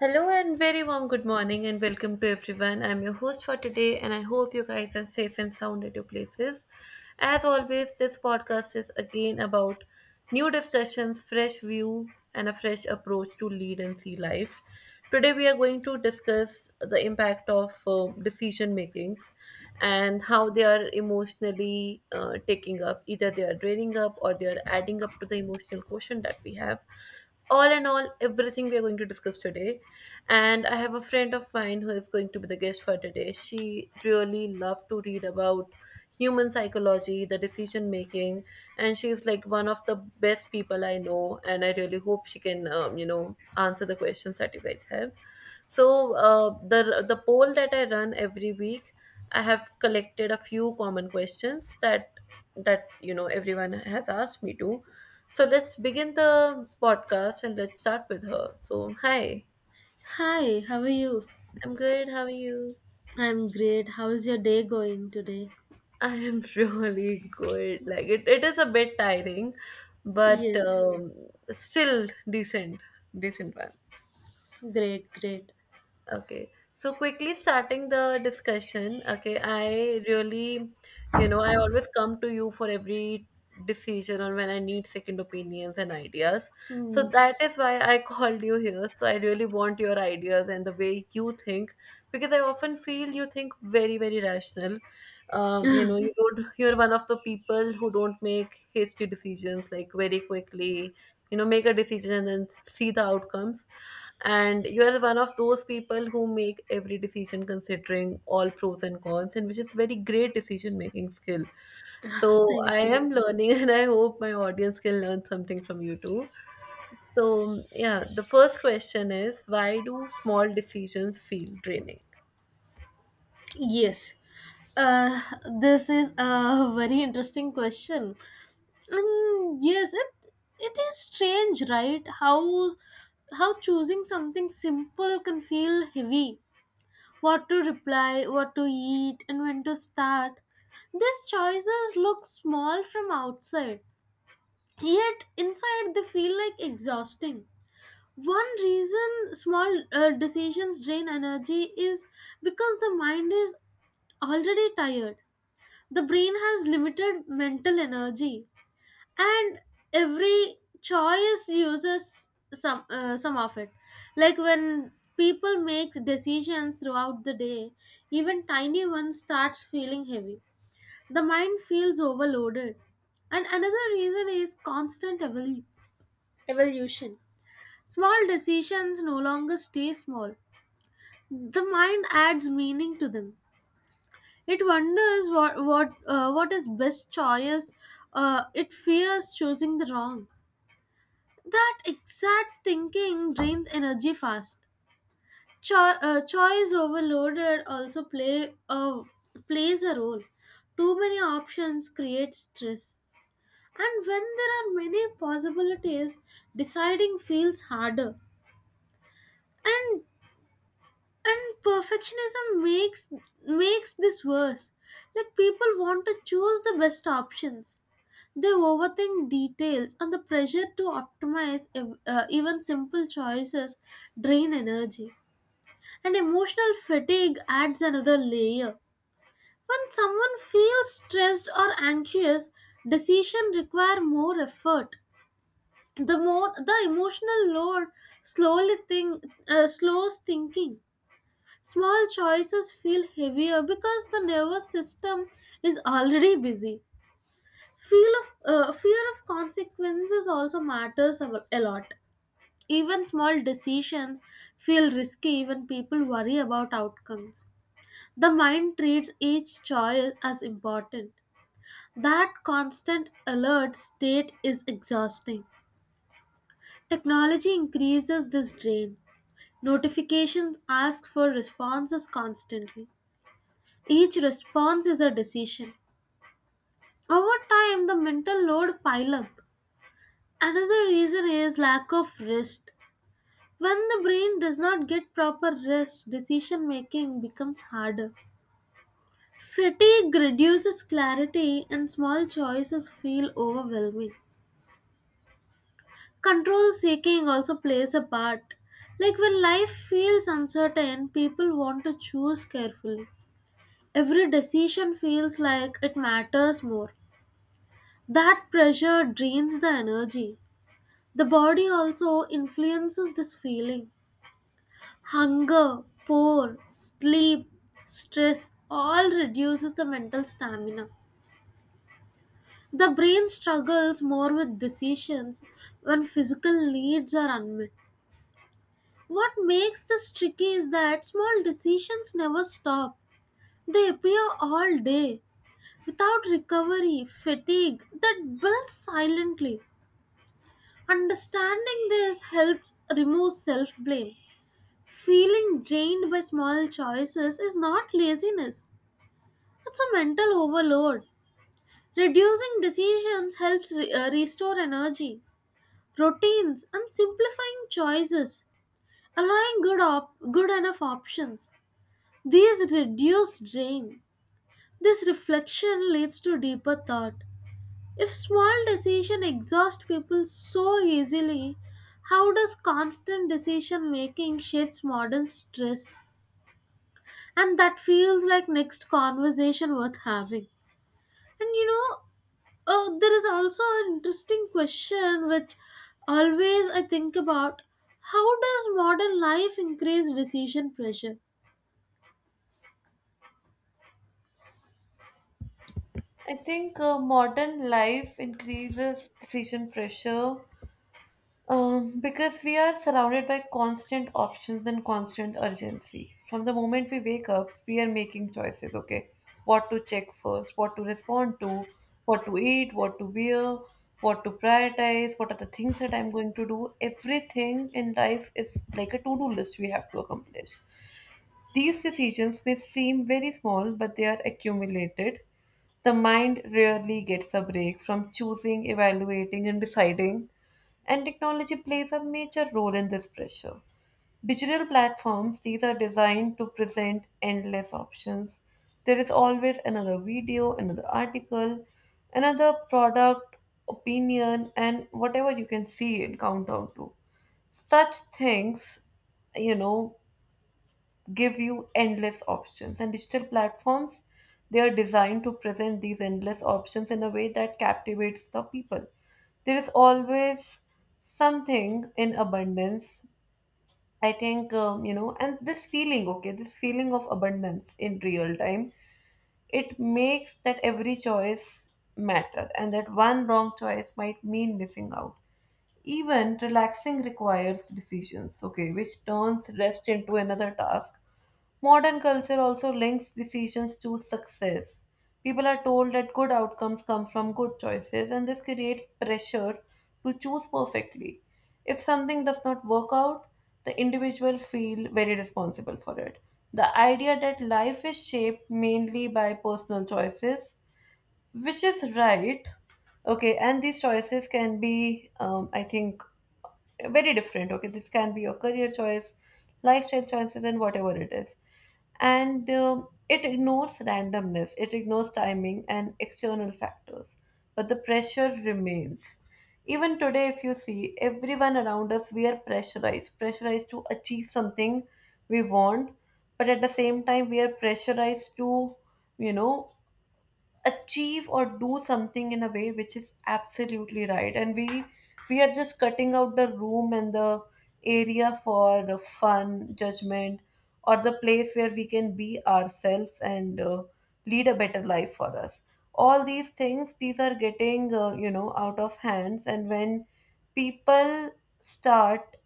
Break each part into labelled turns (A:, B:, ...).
A: Hello and very warm good morning and welcome to everyone. I'm your host for today and I hope you guys are safe and sound at your places. As always, this podcast is again about new discussions, fresh view, and a fresh approach to lead and see life. Today we are going to discuss the impact of decision makings and how they are emotionally taking up. Either they are draining up or they are adding up to the emotional quotient that we have. All in all, everything we are going to discuss today, and I have a friend of mine who is going to be the guest for today. She really loved to read about human psychology, the decision making, and she's like one of the best people I know, and I really hope she can answer the questions that you guys have. So the poll that I run every week, I have collected a few common questions that everyone has asked me to. So let's begin the podcast and let's start with her. So, hi,
B: Hi, how are you?
A: I'm good. How are you?
B: I'm great. How is your day going today?
A: I am really good. Like, it is a bit tiring, but
B: Yes,
A: still decent. Decent one.
B: great, great.
A: Okay. So quickly starting the discussion, okay, I really, I always come to you for every decision or when I need second opinions and ideas. So
B: Mm,
A: that
B: s-
A: is why I called you here. So I really want your ideas and the way you think because I often feel you think very, very rational. You don't, you're one of the people who don't make hasty decisions like very quickly, make a decision and then see the outcomes, and you are one of those people who make every decision considering all pros and cons, and which is very great decision making skill. So I
B: Thank you.
A: am learning and I hope my audience can learn something from you too. So yeah, the first question is, why do small decisions feel draining?
B: Yes. Uh, this is a very interesting question. And yes, it is strange, right? How choosing something simple can feel heavy. What to reply, what to eat, and when to start. These choices look small from outside, yet inside they feel like exhausting one reason small decisions drain energy is because the mind is already tired. The brain has limited mental energy, and every choice uses some of it. Like when people make decisions throughout the day, even tiny ones starts feeling heavy. The mind feels overloaded. And another reason is constant evaluation evolution. Small decisions no longer stay small. The mind adds meaning to them. It wonders what is best choice. It fears choosing the wrong. That exact thinking drains energy fast. Choice overloaded also plays a role. Too many options create stress. And when there are many possibilities, deciding feels harder. And and perfectionism makes this worse. Like people want to choose the best options, they overthink details, and the pressure to optimize even simple choices drain energy. And emotional fatigue adds another layer. When someone feels stressed or anxious, decision require more effort. The more the emotional load, slowly think slows thinking. Small choices feel heavier because the nervous system is already busy. Fear of consequences also matters a lot. Even small decisions feel risky when people worry about outcomes. The mind treats each choice as important. That constant alert state is exhausting. Technology increases this drain. Notifications ask for responses constantly. Each response is a decision. Over time, the mental load pile up. Another reason is lack of rest. When the brain does not get proper rest, decision making becomes harder. Fatigue reduces clarity, and small choices feel overwhelming. Control seeking also plays a part. Like when life feels uncertain, people want to choose carefully. Every decision feels like it matters more. That pressure drains the energy. The body also influences this feeling. Hunger, poor, sleep, stress all reduces the mental stamina. The brain struggles more with decisions when physical needs are unmet. What makes this tricky is that small decisions never stop. They appear all day. Without recovery, fatigue that builds silently. Understanding this helps remove self blame. Feeling drained by small choices is not laziness, it's a mental overload. Reducing decisions helps restore energy. Routines and simplifying choices, allowing good enough options. These reduce drain. This reflection leads to deeper thought. If small decision exhaust people so easily, how does constant decision making shapes modern stress? And that feels like next conversation worth having. And you know, there is also an interesting question which always I think about. How does modern life increase decision pressure?
A: I think modern life increases decision pressure. Because we are surrounded by constant options and constant urgency. From the moment we wake up, we are making choices, okay? What to check first, what to respond to, what to eat, what to wear, what to prioritize, what are the things that I'm going to do. Everything in life is like a to do list we have to accomplish. These decisions may seem very small, but they are accumulated. The mind rarely gets a break from choosing, evaluating, and deciding, and technology plays a major role in this pressure. Digital platforms, these are designed to present endless options. There is always another video, another article, another product, opinion, and whatever you can see and count down to. Such things, you know, give you endless options, and digital platforms, they are designed to present these endless options in a way that captivates the people. There is always something in abundance. I think and this feeling, okay, this feeling of abundance in real time, it makes that every choice matter and that one wrong choice might mean missing out. Even relaxing requires decisions, okay, which turns rest into another task. Modern culture also links decisions to success. People are told that good outcomes come from good choices, and this creates pressure to choose perfectly. If something does not work out, the individual feel very responsible for it. The idea that life is shaped mainly by personal choices, which is right, okay, and these choices can be, I think, very different. Okay, this can be your career choice, lifestyle choices, and whatever it is. And it ignores randomness, it ignores timing and external factors, but the pressure remains. Even today, if you see everyone around us, we are pressurized, pressurized to achieve something we want, but at the same time we are pressurized to, you know achieve or do something in a way which is absolutely right, and we, are just cutting out the room and the area for the fun judgment or the place where we can be ourselves and lead a better life for us. All these things, these are getting out of hands. And when people start,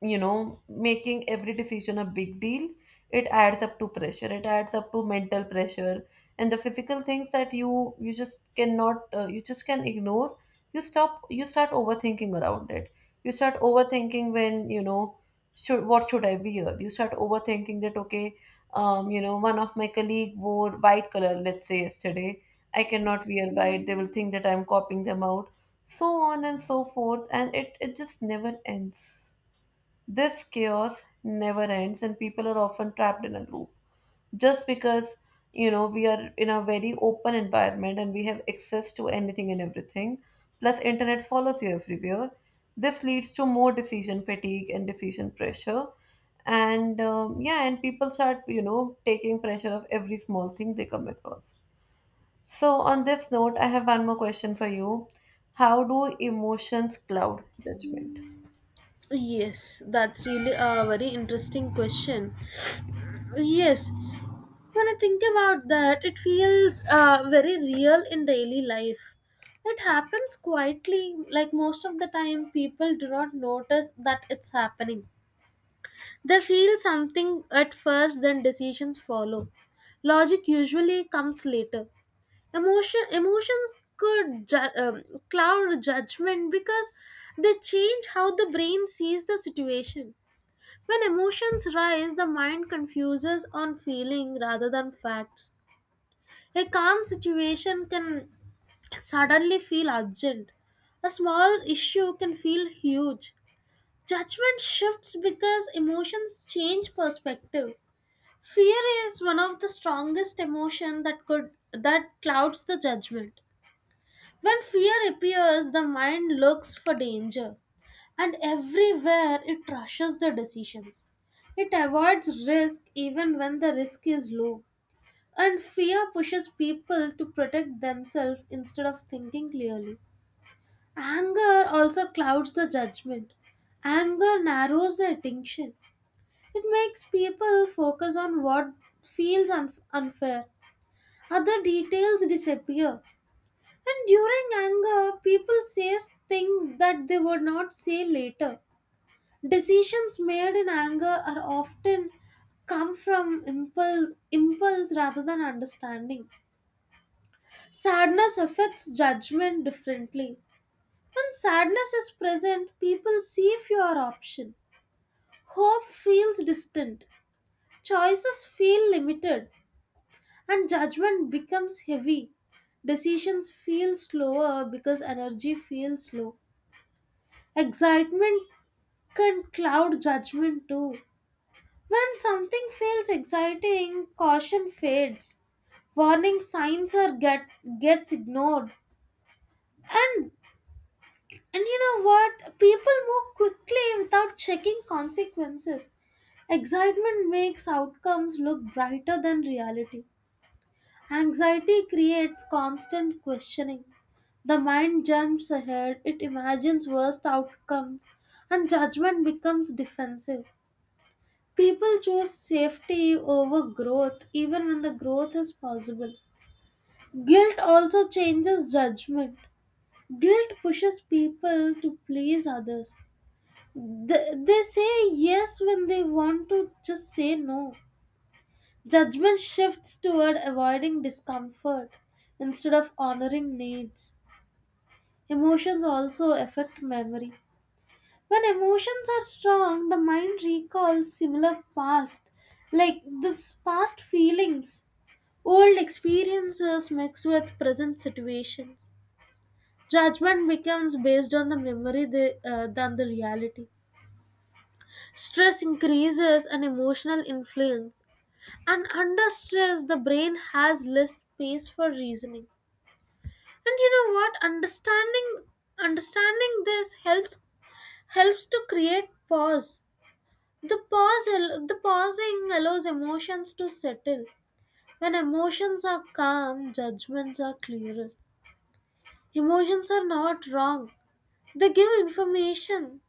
A: making every decision a big deal, it adds up to pressure, it adds up to mental pressure. And the physical things, that you just cannot you just can ignore. You stop, you start overthinking around it. You start overthinking when, should, what should I wear. You start overthinking that, okay, you know, one of my colleague wore white color, let's say yesterday, I cannot wear white, they will think that I'm copying them out, so on and so forth, and it just never ends. This chaos never ends, and people are often trapped in a loop. Just because, you know, we are in a very open environment and we have access to anything and everything, plus internet follows you everywhere, this leads to more decision fatigue and decision pressure. And yeah, and people start, you know, taking pressure of every small thing they come across. So, on this note, I have one more question for you. How do emotions cloud judgment?
B: Yes, that's really a very interesting question. Yes, when I think about that, it feels very real in daily life. It happens quietly. Like most of the time, people do not notice that it's happening. They feel something at first, then decisions follow. Logic usually comes later. Emotions could cloud judgment because they change how the brain sees the situation. When emotions rise, the mind confuses on feeling rather than facts. A calm situation can suddenly feel urgent. A small issue can feel huge. Judgment shifts because emotions change perspective. Fear is one of the strongest emotion that clouds the judgment. When fear appears, the mind looks for danger and everywhere, it rushes the decisions. It avoids risk even when the risk is low. And fear pushes people to protect themselves instead of thinking clearly. Anger also clouds the judgment. Anger narrows the attention. It makes people focus on what feels unf unfair. Other details disappear. And during anger, people say things that they would not say later. Decisions made in anger are often come from impulse rather than understanding. Sadness affects judgment differently. When sadness is present, people see fewer options. Hope feels distant. Choices feel limited, and judgment becomes heavy. Decisions feel slower because energy feels low. Excitement can cloud judgment too. When something feels exciting, caution fades. Warning signs are get gets ignored. And And you know what? People move quickly without checking consequences. Excitement makes outcomes look brighter than reality. Anxiety creates constant questioning. The mind jumps ahead, it imagines worst outcomes, and judgment becomes defensive. People choose safety over growth even when the growth is possible. Guilt also changes judgment. Guilt pushes people to please others. They say yes when they want to just say no. Judgment shifts toward avoiding discomfort instead of honoring needs. Emotions also affect memory. When emotions are strong, the mind recalls similar past, like this past feelings, old experiences mixed with present situations. Judgment becomes based on the memory than the reality. Stress increases an emotional influence, and under stress, the brain has less space for reasoning. And you know what? Understanding this helps to create pause. The pausing allows emotions to settle. When emotions are calm, judgments are clearer. Emotions are not wrong. They give information.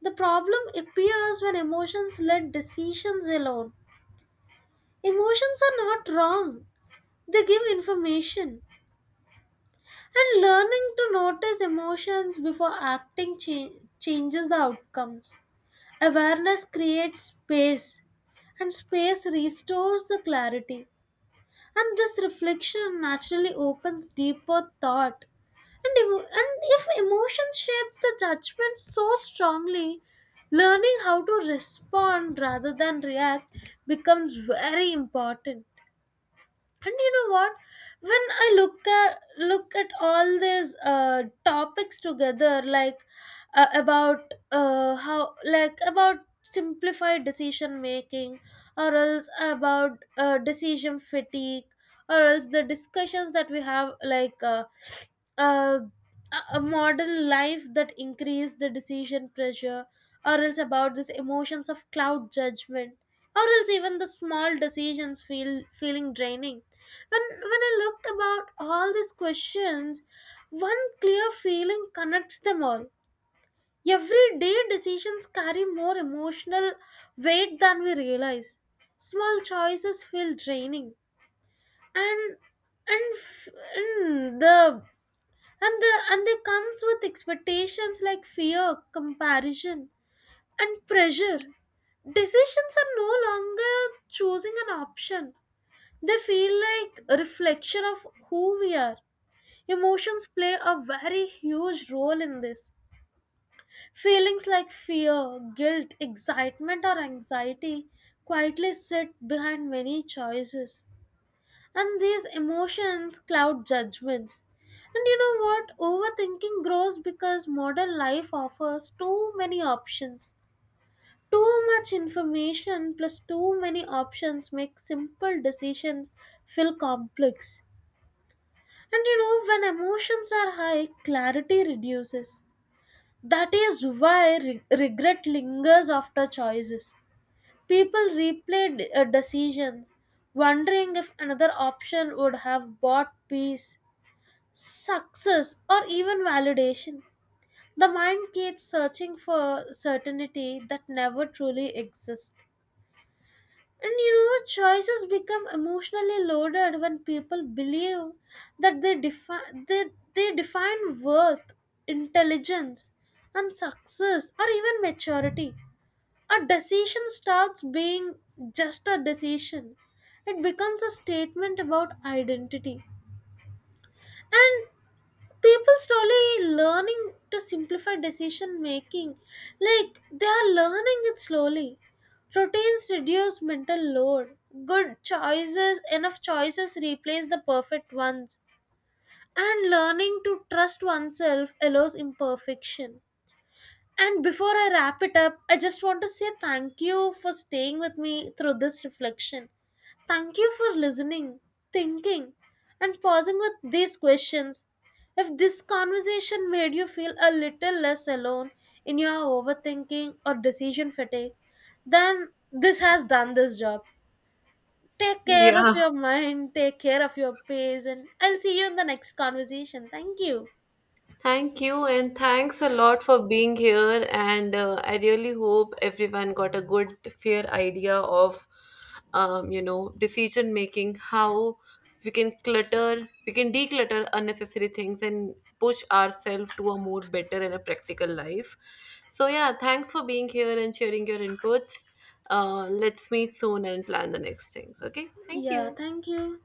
B: The problem appears when emotions let decisions alone. Emotions are not wrong, they give information. And learning to notice emotions before changes the outcomes. Awareness creates space, and space restores the clarity. And this reflection naturally opens deeper thought. And if emotion shapes the judgment so strongly, learning how to respond rather than react becomes very important. And you know what? When I look at all these topics together, like about how, like about simplified decision making, or else about decision fatigue, or else the discussions that we have, like uh, a modern life that increase the decision pressure, or else about these emotions of cloud judgment, or else even the small decisions feeling draining. when when I looked about all these questions, one clear feeling connects them all. Everyday decisions carry more emotional weight than we realize. Small choices feel draining, and and, f- and the and the and they comes with expectations like fear, comparison, and pressure. Decisions are no longer choosing an option. They feel like a reflection of who we are. Emotions play a very huge role in this. Feelings like fear, guilt, excitement, or anxiety quietly sit behind many choices. And these emotions cloud judgments. And you know what? Overthinking grows because modern life offers too many options. Too much information plus too many options make simple decisions feel complex. And you know, when emotions are high, clarity reduces. That is why re- regret lingers after choices. People replay decisions, wondering if another option would have brought peace, success, or even validation. The mind keeps searching for certainty that never truly exists. And you know, choices become emotionally loaded when people believe that they define worth, intelligence, and success or even maturity. A decision stops being just a decision. It becomes a statement about identity. And people slowly learning to simplify decision making, like they are learning it slowly. Routines reduce mental load, good choices enough choices replace the perfect ones, and learning to trust oneself allows imperfection. And before I wrap it up, I just want to say thank you for staying with me through this reflection. Thank you for listening, thinking, and pausing with these questions. If this conversation made you feel a little less alone in your overthinking or decision fatigue, then this has done this job. Take care of
A: Yeah,
B: your mind, take care of your pace, and I'll see you in the next conversation. Thank you.
A: thank you, and thanks a lot for being here. And I really hope everyone got a good, fair idea of, you know, decision making, how we can clutter, we can declutter unnecessary things and push ourselves to a more better and a practical life. So, yeah, thanks for being here and sharing your inputs. Let's meet soon and plan the next things. Okay, thank
B: Yeah,
A: you.
B: thank you.